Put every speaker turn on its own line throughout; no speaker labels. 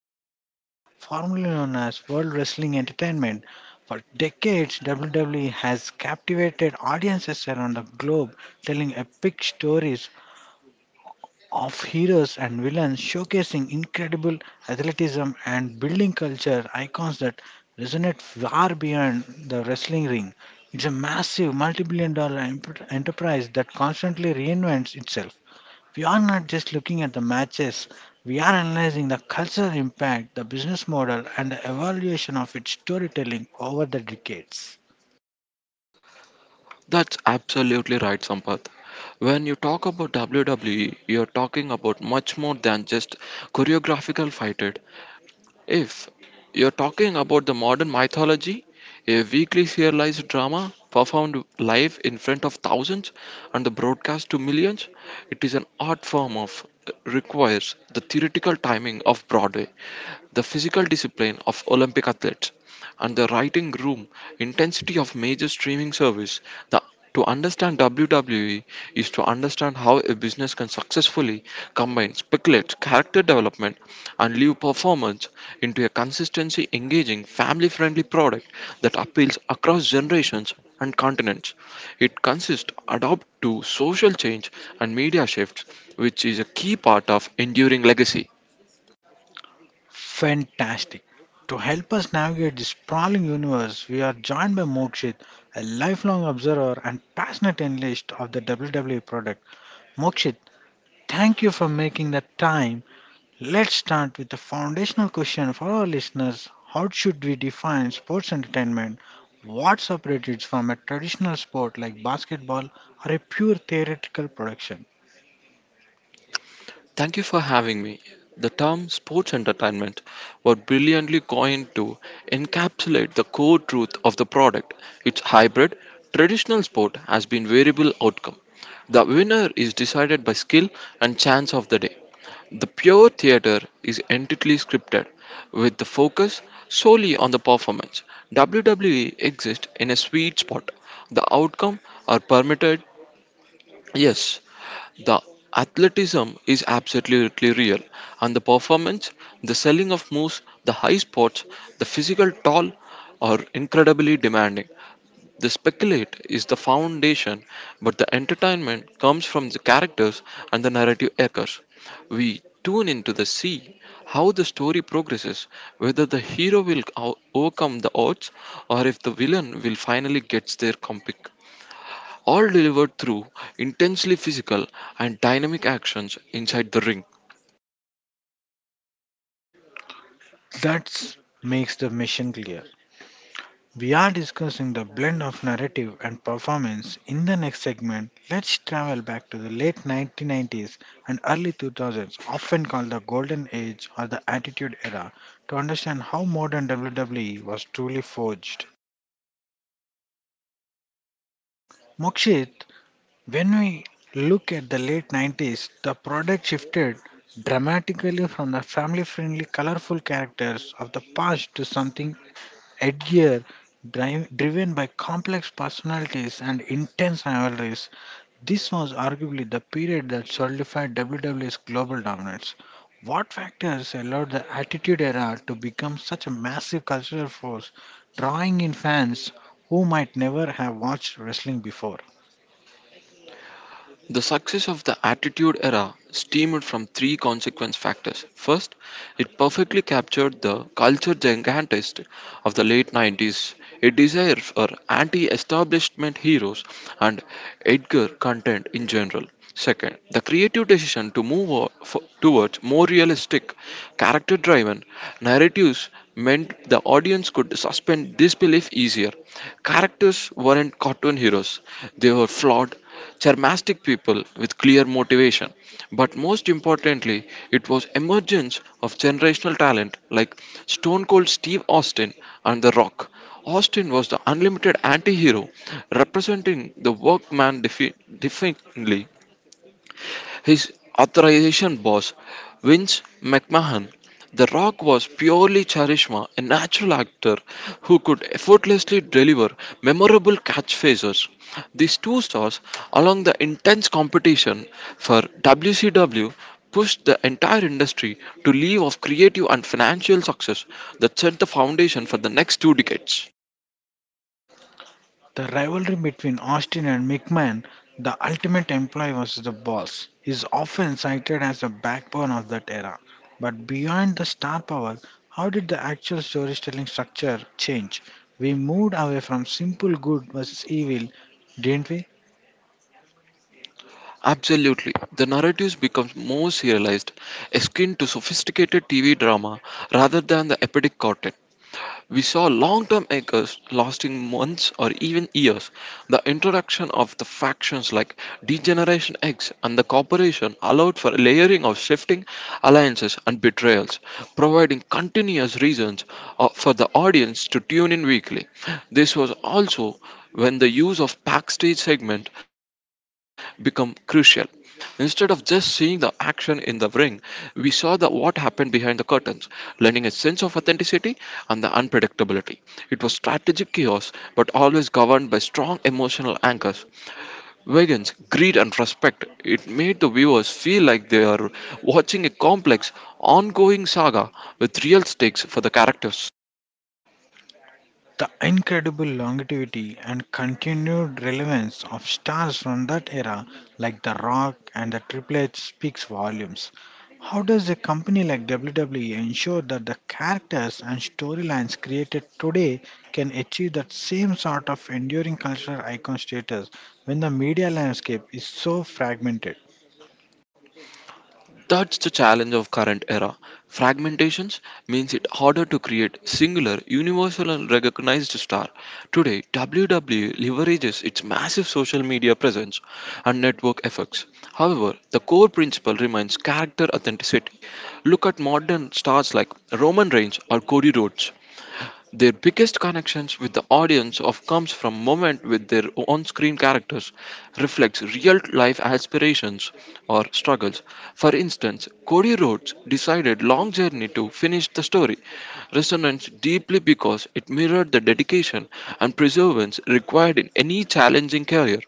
WWE, formerly known as World Wrestling Entertainment. For decades, WWE has captivated audiences around the globe, telling epic stories of heroes and villains showcasing incredible athleticism and building culture icons that resonate far beyond the wrestling ring. It's a massive multi billion dollar enterprise that constantly reinvents itself. We are not just looking at the matches, we are analyzing the cultural impact, the business model, and the evaluation of its storytelling over the decades.
That's absolutely right, Sampath. When you talk about WWE, you're talking about much more than just choreographical fighting. If you're talking about the modern mythology, a weekly serialized drama performed live in front of thousands and broadcast to millions, it is an art form of requires the theoretical timing of Broadway, the physical discipline of Olympic athletes, and the writing room intensity of major streaming service. The, to understand WWE is to understand how a business can successfully combine speculate, character development, and live performance into a consistency engaging family friendly product that appeals across generations and continents. It consists adapt to social change and media shifts, which is a key part of enduring legacy.
Fantastic. To help us navigate this sprawling universe, we are joined by Mokshit, a lifelong observer and passionate analyst of the WWE product. Mokshit, thank you for making the time. Let's start with a foundational question for our listeners. How should we define sports entertainment? What separates it from a traditional sport like basketball or a pure theoretical production?
Thank you for having me. The term sports entertainment was brilliantly coined to encapsulate the core truth of the product. Its hybrid, traditional sport has been variable outcome. The winner is decided by skill and chance of the day. The pure theatre is entirely scripted, with the focus solely on the performance. WWE exists in a sweet spot. The outcome are permitted, yes, the athleticism is absolutely real, and the performance, the selling of moves, the high spots, the physical toll are incredibly demanding. The speculate is the foundation, but the entertainment comes from the characters and the narrative echoes. We tune into the see how the story progresses, whether the hero will overcome the odds or if the villain will finally get their comeuppance all delivered through intensely physical and dynamic actions inside the ring.
That makes the mission clear. We are discussing the blend of narrative and performance. In the next segment, let's travel back to the late 1990s and early 2000s, often called the Golden Age or the Attitude Era, to understand how modern WWE was truly forged. Mokshit, when we look at the late 90s, the product shifted dramatically from the family friendly, colorful characters of the past to something Edgear, driven by complex personalities and intense rivalries. This was arguably the period that solidified WWE's global dominance. What factors allowed the Attitude Era to become such a massive cultural force, drawing in fans who might never have watched wrestling before?
The success of the Attitude era stemmed from three consequence factors. First, it perfectly captured the culture gigantist of the late 90s, a desire for anti establishment heroes and Edgar content in general. Second, the creative decision to move towards more realistic, character driven narratives meant the audience could suspend disbelief easier. Characters weren't cartoon heroes, they were flawed charismatic people with clear motivation. But most importantly, it was emergence of generational talent like Stone Cold Steve Austin and The Rock. Austin was the unlimited anti-hero, representing the workman defiantly his authorization boss, Vince McMahon, The Rock was purely charisma, a natural actor who could effortlessly deliver memorable catchphrases. These two stars, along the intense competition for WCW, pushed the entire industry to leave of creative and financial success that set the foundation for the next two decades.
The rivalry between Austin and McMahon, the ultimate employee versus the boss, is often cited as the backbone of that era. But beyond the star power, how did the actual storytelling structure change? We moved away from simple good versus evil, didn't we?
Absolutely. The narratives becomes more serialized, akin to sophisticated TV drama rather than the epic content. We saw long-term anchors lasting months or even years. The introduction of the factions like Degeneration X and the Corporation allowed for layering of shifting alliances and betrayals, providing continuous reasons for the audience to tune in weekly. This was also when the use of backstage segment become crucial. Instead of just seeing the action in the ring, what happened behind the curtains, lending a sense of authenticity and the unpredictability. It was strategic chaos, but always governed by strong emotional anchors, variance, greed, and respect. It made the viewers feel like they are watching a complex, ongoing saga with real stakes for the characters.
The incredible longevity and continued relevance of stars from that era, like The Rock and The Triplets, speaks volumes. How does a company like WWE ensure that the characters and storylines created today can achieve that same sort of enduring cultural icon status when the media landscape is so fragmented?
That's the challenge of current era. Fragmentations means it harder to create singular, universal and recognized star. Today, WWE leverages its massive social media presence and network effects. However, the core principle remains character authenticity. Look at modern stars like Roman Reigns or Cody Rhodes. Their biggest connections with the audience of comes from moment with their on-screen characters reflects real-life aspirations or struggles. For instance, Cody Rhodes decided long journey to finish the story resonates deeply because it mirrored the dedication and perseverance required in any challenging career.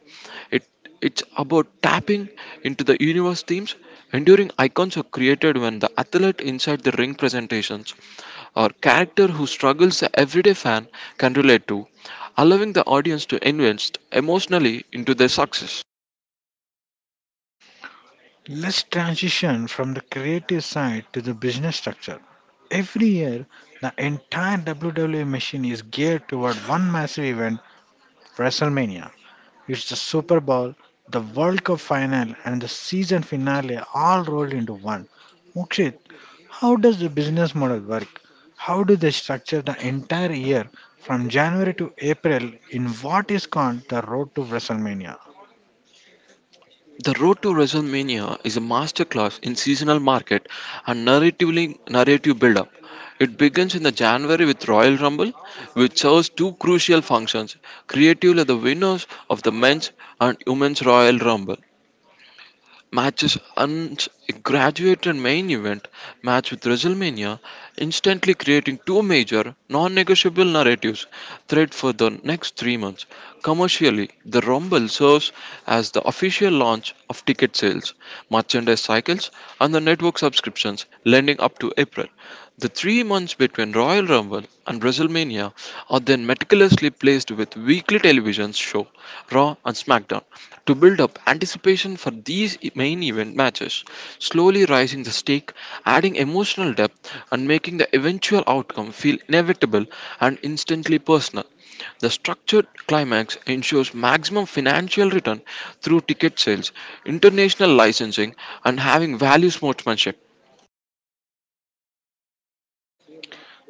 It, it's about tapping into the universe themes. Enduring icons are created when the athlete inside the ring presentations or character who struggles the everyday fan can relate to, allowing the audience to invest emotionally into their success.
Let's transition from the creative side to the business structure. Every year, the entire WWE machine is geared toward one massive event, WrestleMania. It's the Super Bowl, the World Cup final, and the season finale all rolled into one. Mokshit, how does the business model work? How do they structure the entire year from January to April in what is called the road to WrestleMania?
The Road to WrestleMania is a masterclass in seasonal market and narrative build-up. It begins in the January with Royal Rumble, which serves two crucial functions: creatively the winners of the men's and women's Royal Rumble. Matches are a graduated main event match with WrestleMania, instantly creating two major, non-negotiable narratives thread for the next 3 months. Commercially, the Rumble serves as the official launch of ticket sales, merchandise cycles, and the network subscriptions, lending up to April. The 3 months between Royal Rumble and WrestleMania are then metically meticulously placed with weekly television show Raw and SmackDown to build up anticipation for these main event matches, slowly rising the stake, adding emotional depth, and making the eventual outcome feel inevitable and instantly personal. The structured climax ensures maximum financial return through ticket sales, international licensing, and having value sportsmanship.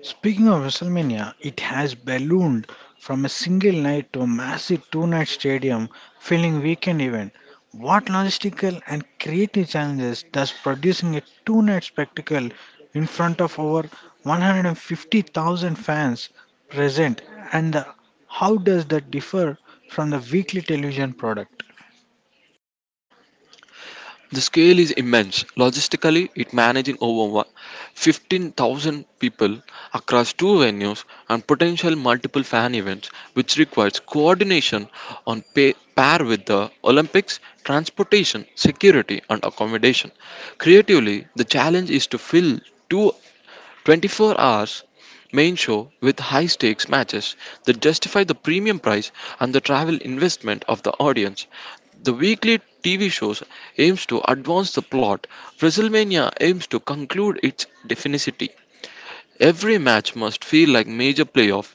Speaking of WrestleMania, it has ballooned from a single night to a massive two night stadium filling weekend event. What logistical and creative challenges does producing a two night spectacle in front of over 150,000 fans present, and how does that differ from the weekly television product?
The scale is immense. Logistically, it managing over 15,000 people across two venues and potential multiple fan events, which requires coordination on pay, par with the Olympics, transportation, security, and accommodation. Creatively, the challenge is to fill two 24 hours main show with high stakes matches that justify the premium price and the travel investment of the audience the weekly TV shows aims to advance the plot. WrestleMania aims to conclude its definity. Every match must feel like major playoff.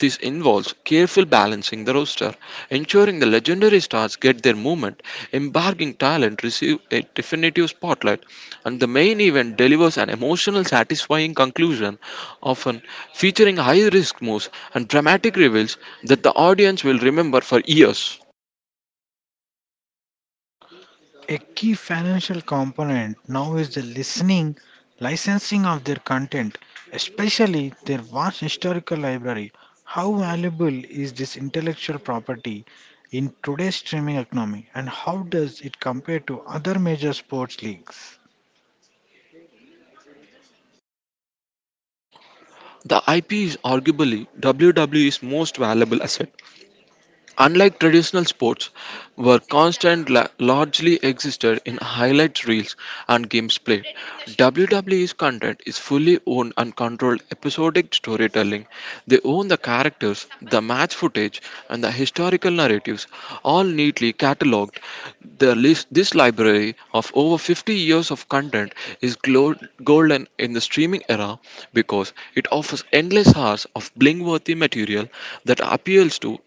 This involves careful balancing the roster, ensuring the legendary stars get their moment, embarking talent receive a definitive spotlight, and the main event delivers an emotional, satisfying conclusion, often featuring high-risk moves and dramatic reveals that the audience will remember for years.
A key financial component now is the listening, licensing of their content, especially their vast historical library. How valuable is this intellectual property in today's streaming economy, and how does it compare to other major sports leagues?
The IP is arguably WWE's most valuable asset. Unlike traditional sports, where constant largely existed in highlight reels and games played, WWE's content is fully owned and controlled episodic storytelling. They own the characters, the match footage, and the historical narratives, all neatly cataloged. This library of over 50 years of content is golden in the streaming era because it offers endless hours of bling worthy material that appeals to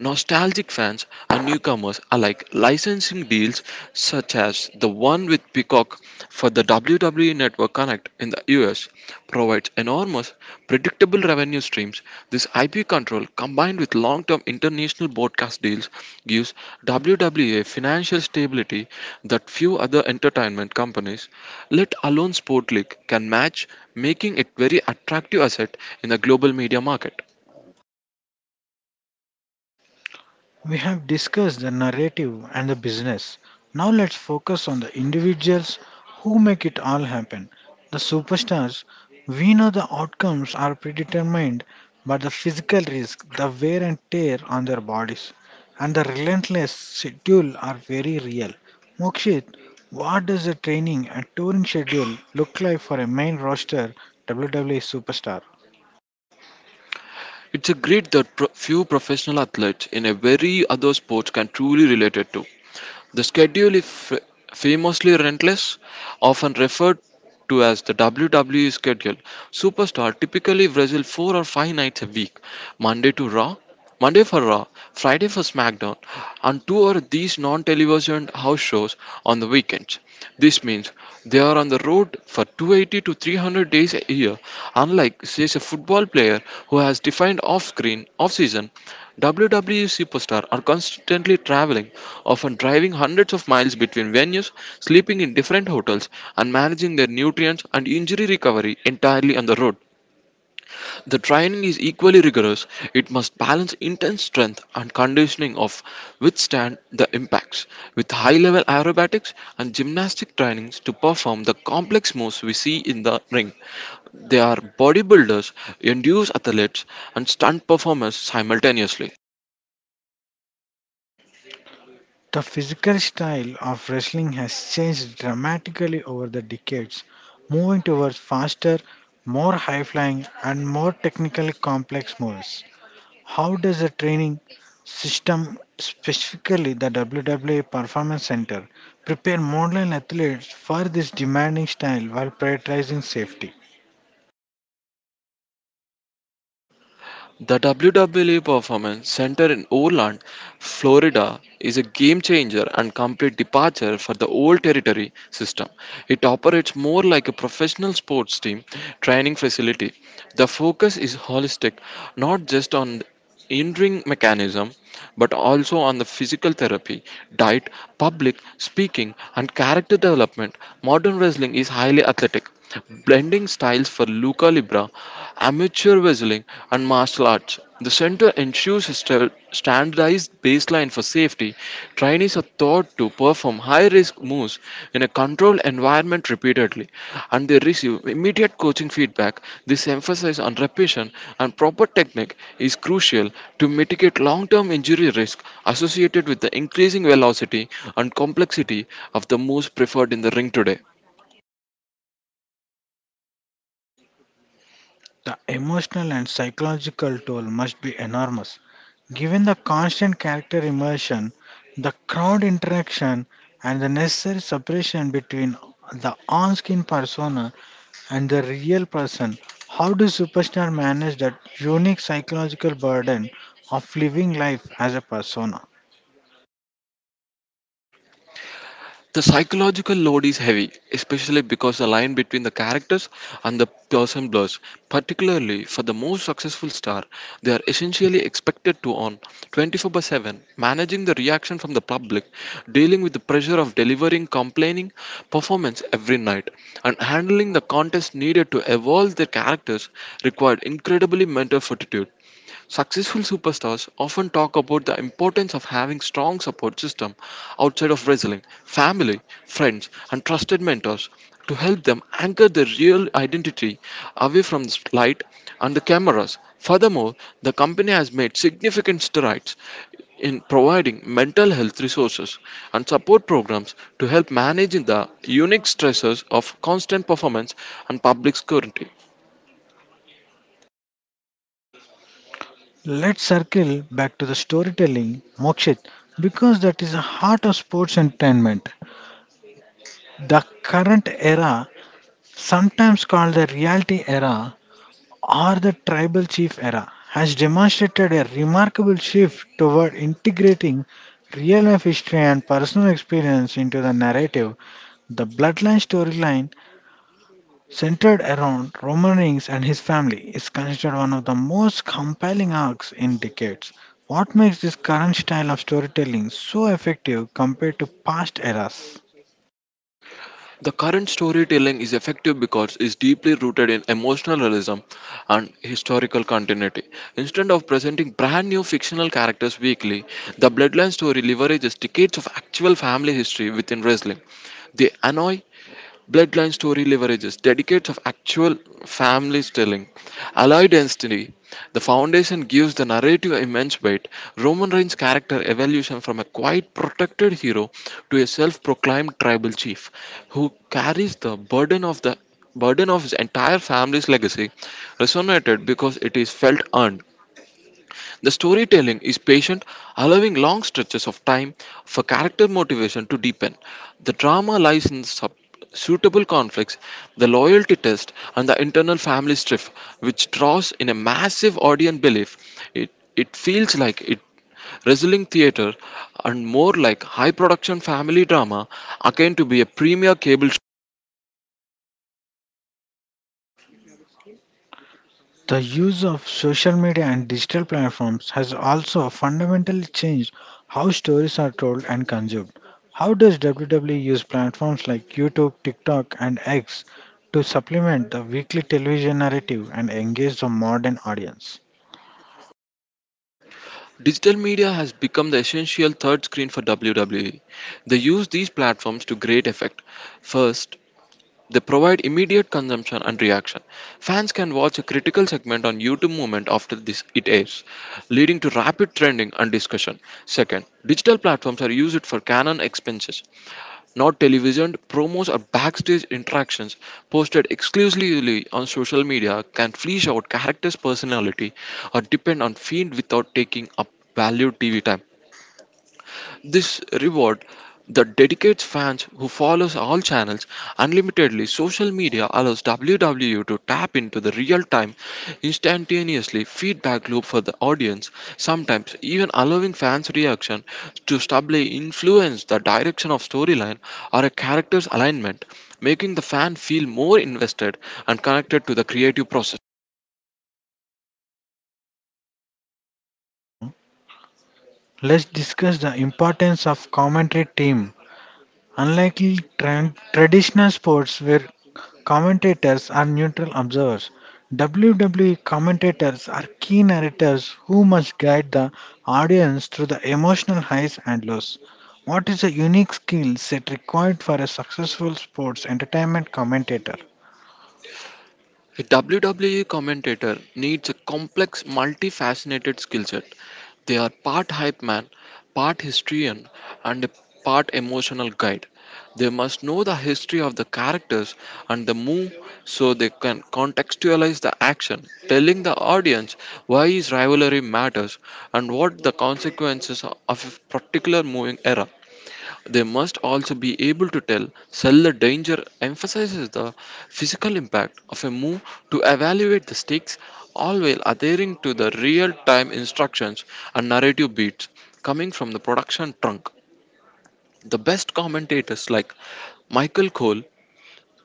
Nostalgic fans and newcomers alike licensing deals such as the one with Peacock for the WWE Network Connect in the US provides enormous predictable revenue streams. This IP control combined with long-term international broadcast deals gives WWE financial stability that few other entertainment companies, let alone sport league, can match, making it very attractive asset in the global media market.
We have discussed the narrative and the business. Now let's focus on the individuals who make it all happen. The superstars, we know the outcomes are predetermined, but the physical risk, the wear and tear on their bodies, and the relentless schedule are very real. Mokshit, what does the training and touring schedule look like for a main roster WWE superstar?
It's a grit that few professional athletes in a very other sport can truly relate it to. The schedule is famously relentless, often referred to as the WWE schedule. Superstar typically wrestle four or five nights a week, Monday to Raw, Monday for Raw, Friday for SmackDown, and two are these non television house shows on the weekends. This means they are on the road for 280 to 300 days a year. Unlike, say, a football player who has defined off screen, off season, WWE superstars are constantly traveling, often driving hundreds of miles between venues, sleeping in different hotels, and managing their nutrients and injury recovery entirely on the road. The training is equally rigorous. It must balance intense strength and conditioning of withstand the impacts with high level aerobatics and gymnastic trainings to perform the complex moves we see in the ring. They are bodybuilders, endurance athletes, and stunt performers simultaneously.
The physical style of wrestling has changed dramatically over the decades, moving towards faster, more high flying, and more technically complex moves. How does the training system, specifically the WWE Performance Center, prepare modern athletes for this demanding style while prioritizing safety?
The WWE Performance Center in Orland, Florida is a game changer and complete departure for the old territory system. It operates more like a professional sports team training facility. The focus is holistic, not just on hindering mechanism, but also on the physical therapy, diet, public speaking, and character development. Modern wrestling is highly athletic, blending styles for Luca Libra, amateur wrestling, and martial arts. The center ensures a standardized baseline for safety, trainees are taught to perform high risk moves in a controlled environment repeatedly and they receive immediate coaching feedback. This emphasis on repetition and proper technique is crucial to mitigate long term injury risk associated with the increasing velocity and complexity of the moves preferred in the ring today.
The emotional and psychological toll must be enormous. Given the constant character immersion, the crowd interaction, and the necessary separation between the on screen persona and the real person, how do superstars manage that unique psychological burden of living life as a persona?
The psychological load is heavy, especially because the line between the characters and the person blurs. Particularly for the most successful star, they are essentially expected to on 24 by 7, managing the reaction from the public, dealing with the pressure of delivering complaining performance every night, and handling the contest needed to evolve their characters required incredibly mental fortitude. Successful superstars often talk about the importance of having strong support system outside of wrestling, family, friends, and trusted mentors to help them anchor their real identity away from the light and the cameras. Furthermore, the company has made significant strides in providing mental health resources and support programs to help manage the unique stresses of constant performance and public scrutiny.
Let's circle back to the storytelling, Mokshit, because that is the heart of sports entertainment. The current era sometimes called the reality era or the tribal chief era, has demonstrated a remarkable shift toward integrating real life history and personal experience into the narrative. The bloodline storyline, centered around Roman Reigns and his family, is considered one of the most compelling arcs in decades. What makes this current style of storytelling so effective compared to past eras?
The current storytelling is effective because it's deeply rooted in emotional realism and historical continuity. Instead of presenting brand new fictional characters weekly, the Bloodline story leverages decades of actual family history within wrestling. They annoy Bloodline story leverages decades of actual family telling. Allied instantly, the foundation gives the narrative immense weight. Roman Reigns' character evolution from a quiet, protected hero to a self-proclaimed tribal chief, who carries the burden of his entire family's legacy, resonated because it is felt earned. The storytelling is patient, allowing long stretches of time for character motivation to deepen. The drama lies in suitable conflicts, the loyalty test, and the internal family strife, which draws in a massive audience belief. It, it feels like it wrestling theater and more like high production family drama again to be a premier cable show.
The use of social media and digital platforms has also fundamentally changed how stories are told and consumed. How does WWE use platforms like YouTube, TikTok, and X to supplement the weekly television narrative and engage the modern audience?
Digital media has become the essential third screen for WWE. They use these platforms to great effect. First, they provide immediate consumption and reaction. Fans can watch a critical segment on YouTube moment after this it airs, leading to rapid trending and discussion. Second, digital platforms are used for canon expenses, not television promos or backstage interactions posted exclusively on social media can flesh out characters' personality or depend on feed without taking up valued TV time. This reward that dedicates fans who follows all channels unlimitedly. Social media allows WWE to tap into the real-time, instantaneously feedback loop for the audience, sometimes even allowing fans' reaction to subtly influence the direction of storyline or a character's alignment, making the fan feel more invested and connected to the creative process.
Now, let's discuss the importance of commentary team. Unlike traditional sports where commentators are neutral observers, WWE commentators are key narrators who must guide the audience through the emotional highs and lows. What is the unique skill set required for a successful sports entertainment commentator?
A WWE commentator needs a complex, multifaceted skill set. They are part hype man, part historian, and a part emotional guide. They must know the history of the characters and the move so they can contextualize the action, telling the audience why his rivalry matters and what the consequences of a particular moving era. They must also be able to sell the danger, emphasizes the physical impact of a move to evaluate the stakes, all while adhering to the real time instructions and narrative beats coming from the production trunk. The best commentators like Michael Cole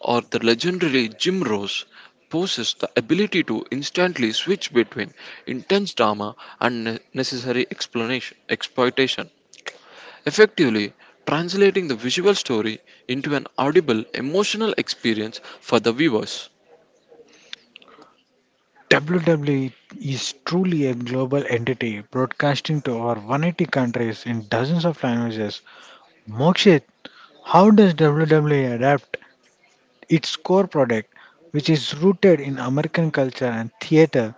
or the legendary Jim Rose possess the ability to instantly switch between intense drama and exploitation effectively translating the visual story into an audible emotional experience for the viewers.
WWE is truly a global entity broadcasting to over 180 countries in dozens of languages. Mokshit, how does WWE adapt its core product, which is rooted in American culture and theater,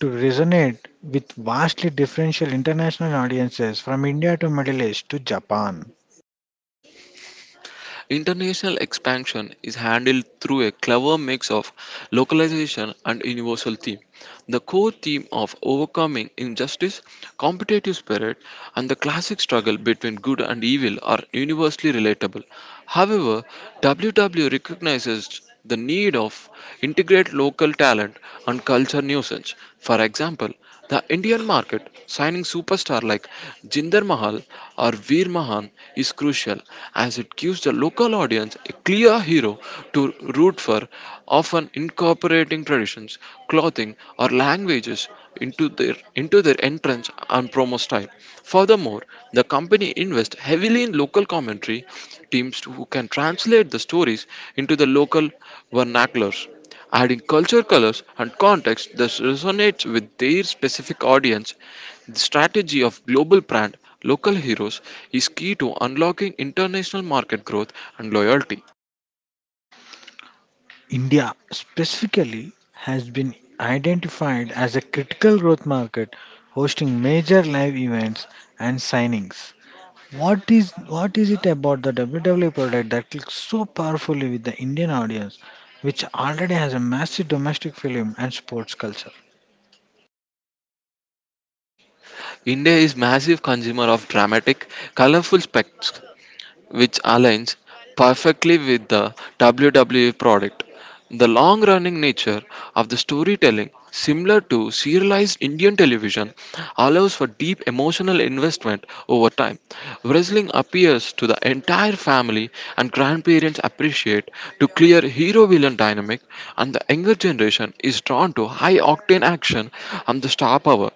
to resonate with vastly differential international audiences from India to Middle East to Japan?
International expansion is handled through a clever mix of localization and universal theme. The core theme of overcoming injustice, competitive spirit, and the classic struggle between good and evil are universally relatable. However, WW recognizes the need of integrate local talent and culture nuisance. For example, the Indian market signing superstar like Jinder Mahal or Veer Mahan is crucial as it gives the local audience a clear hero to root for, often incorporating traditions, clothing or languages into their entrance and promo style. Furthermore, the company invests heavily in local commentary teams who can translate the stories into the local vernaculars adding culture, colors, and context that resonates with their specific audience. The strategy of global brand local heroes is key to unlocking international market growth and loyalty.
India specifically has been identified as a critical growth market hosting major live events and signings. What is it about the WWE product that clicks so powerfully with the Indian audience, which already has a massive domestic film and sports culture?
India is massive consumer of dramatic, colorful specs which aligns perfectly with the WWE product. The long running nature of the storytelling, similar to serialized Indian television, allows for deep emotional investment over time. Wrestling appeals to the entire family, and grandparents appreciate to clear hero villain dynamic, and the younger generation is drawn to high octane action and the star power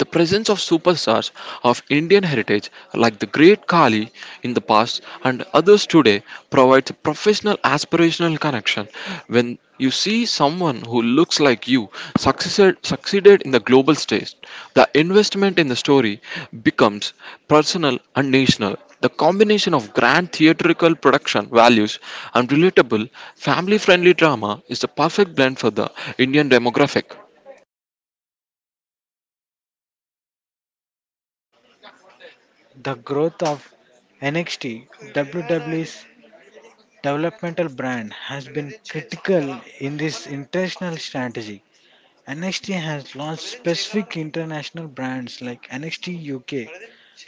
the presence of superstars of Indian heritage like the great Kali in the past and others today provides a professional aspirational connection. When you see someone who looks like you succeeded in the global stage, the investment in the story becomes personal and national. The combination of grand theatrical production values and relatable family friendly drama is the perfect blend for the Indian demographic.
The growth of NXT, WWE's developmental brand, has been critical in this international strategy. NXT has launched specific international brands like NXT UK,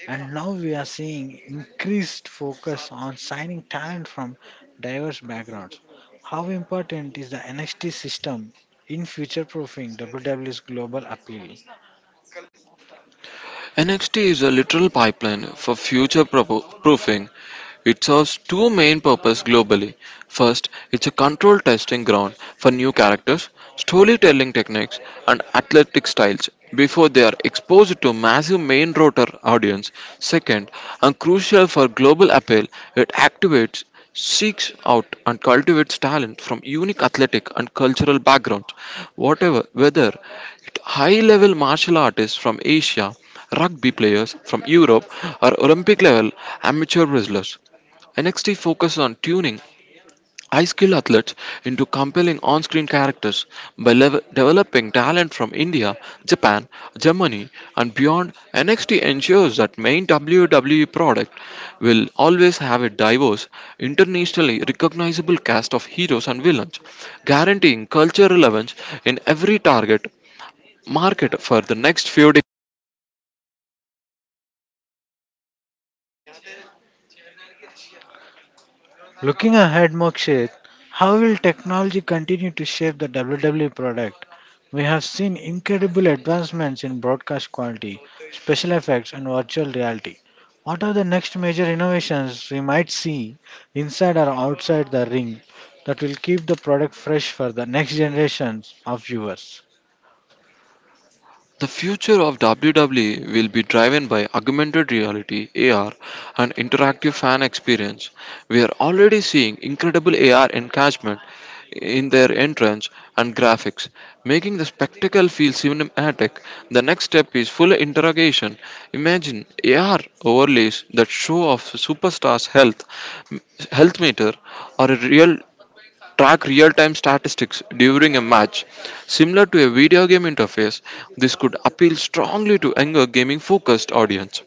and now we are seeing increased focus on signing talent from diverse backgrounds. How important is the NXT system in future proofing WWE's global appeal?
NXT is a literal pipeline for future proofing. It serves two main purposes globally. First, it's a controlled testing ground for new characters, storytelling techniques, and athletic styles before they are exposed to massive main rotor audience. Second, and crucial for global appeal, it activates seeks out and cultivates talent from unique athletic and cultural backgrounds whatever whether high level martial artists from asia Rugby players from Europe are Olympic level amateur wrestlers. NXT focuses on tuning high skill athletes into compelling on screen characters by developing talent from India, Japan, Germany, and beyond. NXT ensures that main WWE product will always have a diverse, internationally recognizable cast of heroes and villains, guaranteeing cultural relevance in every target market for the next few decades.
Looking ahead, Mokshit, how will technology continue to shape the WWE product? We have seen incredible advancements in broadcast quality, special effects, and virtual reality. What are the next major innovations we might see inside or outside the ring that will keep the product fresh for the next generations of viewers?
The future of WWE will be driven by augmented reality (AR) and interactive fan experience. We are already seeing incredible AR engagement in their entrance and graphics, making the spectacle feel cinematic. The next step is full interrogation. Imagine AR overlays that show off health meter, or a real track real-time statistics during a match. Similar to a video game interface, this could appeal strongly to younger gaming focused audience.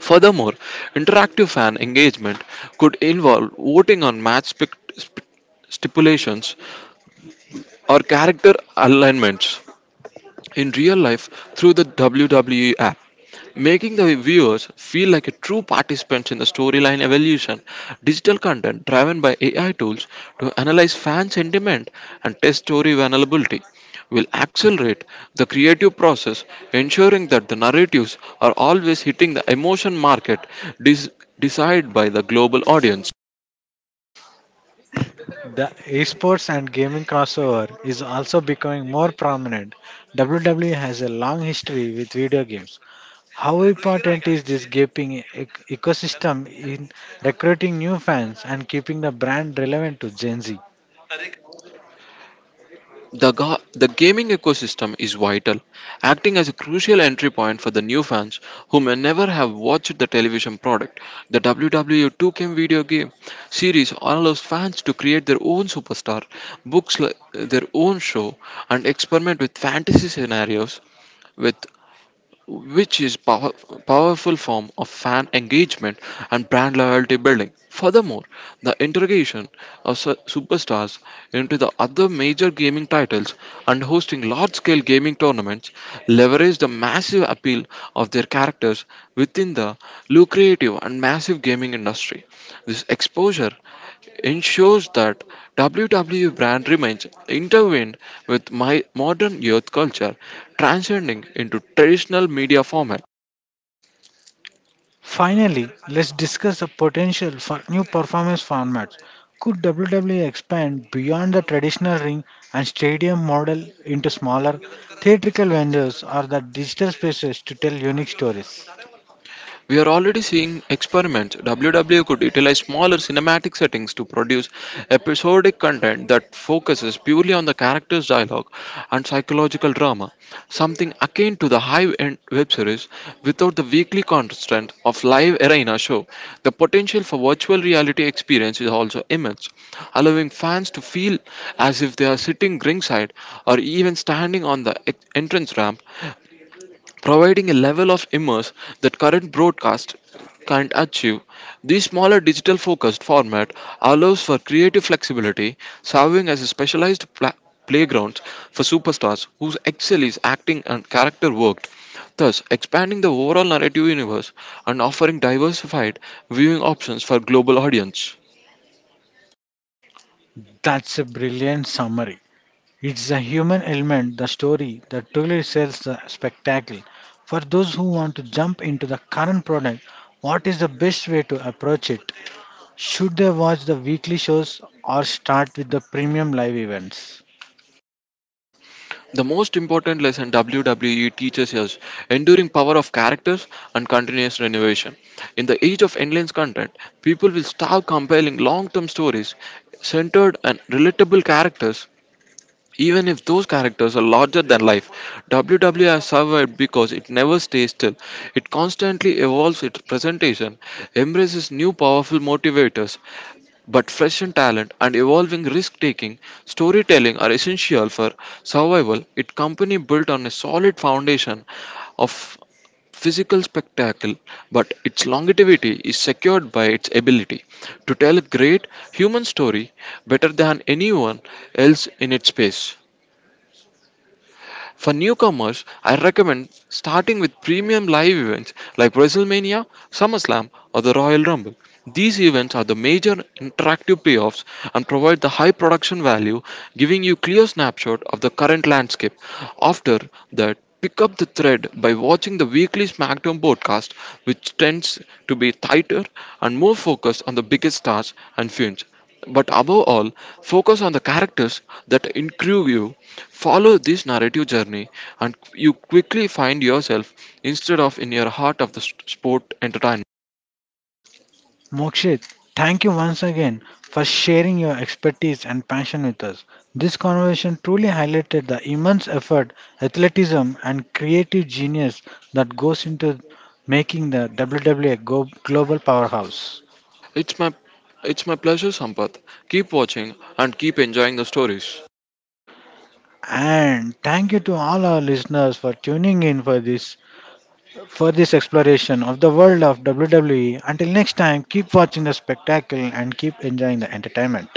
Furthermore, interactive fan engagement could involve voting on stipulations or character alignments in real life through the WWE app making the viewers feel like a true participants in the storyline evolution. Digital content driven by AI tools to analyze fan sentiment and test story vulnerability will accelerate the creative process, ensuring that the narratives are always hitting the emotion market des- decided by the global audience.
The esports and gaming crossover is also becoming more prominent. WWE has a long history with video games. How important is this gaping ecosystem in recruiting new fans and keeping the brand relevant to Gen Z?
The gaming ecosystem is vital, acting as a crucial entry point for the new fans who may never have watched the television product. The WWE 2K video game series allows fans to create their own superstar, their own show, and experiment with fantasy scenarios With which is power, powerful form of fan engagement and brand loyalty building. Furthermore, the integration of superstars into the other major gaming titles and hosting large-scale gaming tournaments leverage the massive appeal of their characters within the lucrative and massive gaming industry. This exposure ensures that WWE brand remains intertwined with my modern youth culture, transcending into traditional media formats.
Finally, let's discuss the potential for new performance formats. Could WWE expand beyond the traditional ring and stadium model into smaller theatrical venues or the digital spaces to tell unique stories?
We are already seeing experiments. WW could utilize smaller cinematic settings to produce episodic content that focuses purely on the character's dialogue and psychological drama, something akin to the high-end web series without the weekly constant of live arena show. The potential for virtual reality experience is also immense, allowing fans to feel as if they are sitting ringside or even standing on the entrance ramp providing a level of immerse that current broadcast can't achieve. This smaller digital focused format allows for creative flexibility, serving as a specialized playground for superstars whose excel is acting and character work, thus expanding the overall narrative universe and offering diversified viewing options for global audience.
That's a brilliant summary. It's the human element, the story, that truly sells the spectacle. For those who want to jump into the current product, what is the best way to approach it? Should they watch the weekly shows or start with the premium live events?
The most important lesson WWE teaches is enduring power of characters and continuous renovation. In the age of endless content, people will start compelling long-term stories centered on relatable characters even if those characters are larger than life, WWE has survived because it never stays still. It constantly evolves its presentation, embraces new powerful motivators, but fresh in talent and evolving risk taking, storytelling are essential for survival. Its company built on a solid foundation of physical spectacle, but its longevity is secured by its ability to tell a great human story better than anyone else in its space. For newcomers, I recommend starting with premium live events like WrestleMania, SummerSlam, or the Royal Rumble. These events are the major interactive payoffs and provide the high production value, giving you clear snapshot of the current landscape. After that, pick up the thread by watching the weekly SmackDown podcast, which tends to be tighter and more focused on the biggest stars and feuds. But above all, focus on the characters that intrigue you. Follow this narrative journey, and you quickly find yourself instead of in your heart of the sport entertainment.
Mokshit, thank you once again for sharing your expertise and passion with us. This conversation truly highlighted the immense effort, athleticism, and creative genius that goes into making the WWE a global powerhouse.
It's my it's my pleasure, Sampath. Keep watching and keep enjoying the stories.
And thank you to all our listeners for tuning in for this exploration of the world of WWE. Until next time, keep watching the spectacle and keep enjoying the entertainment.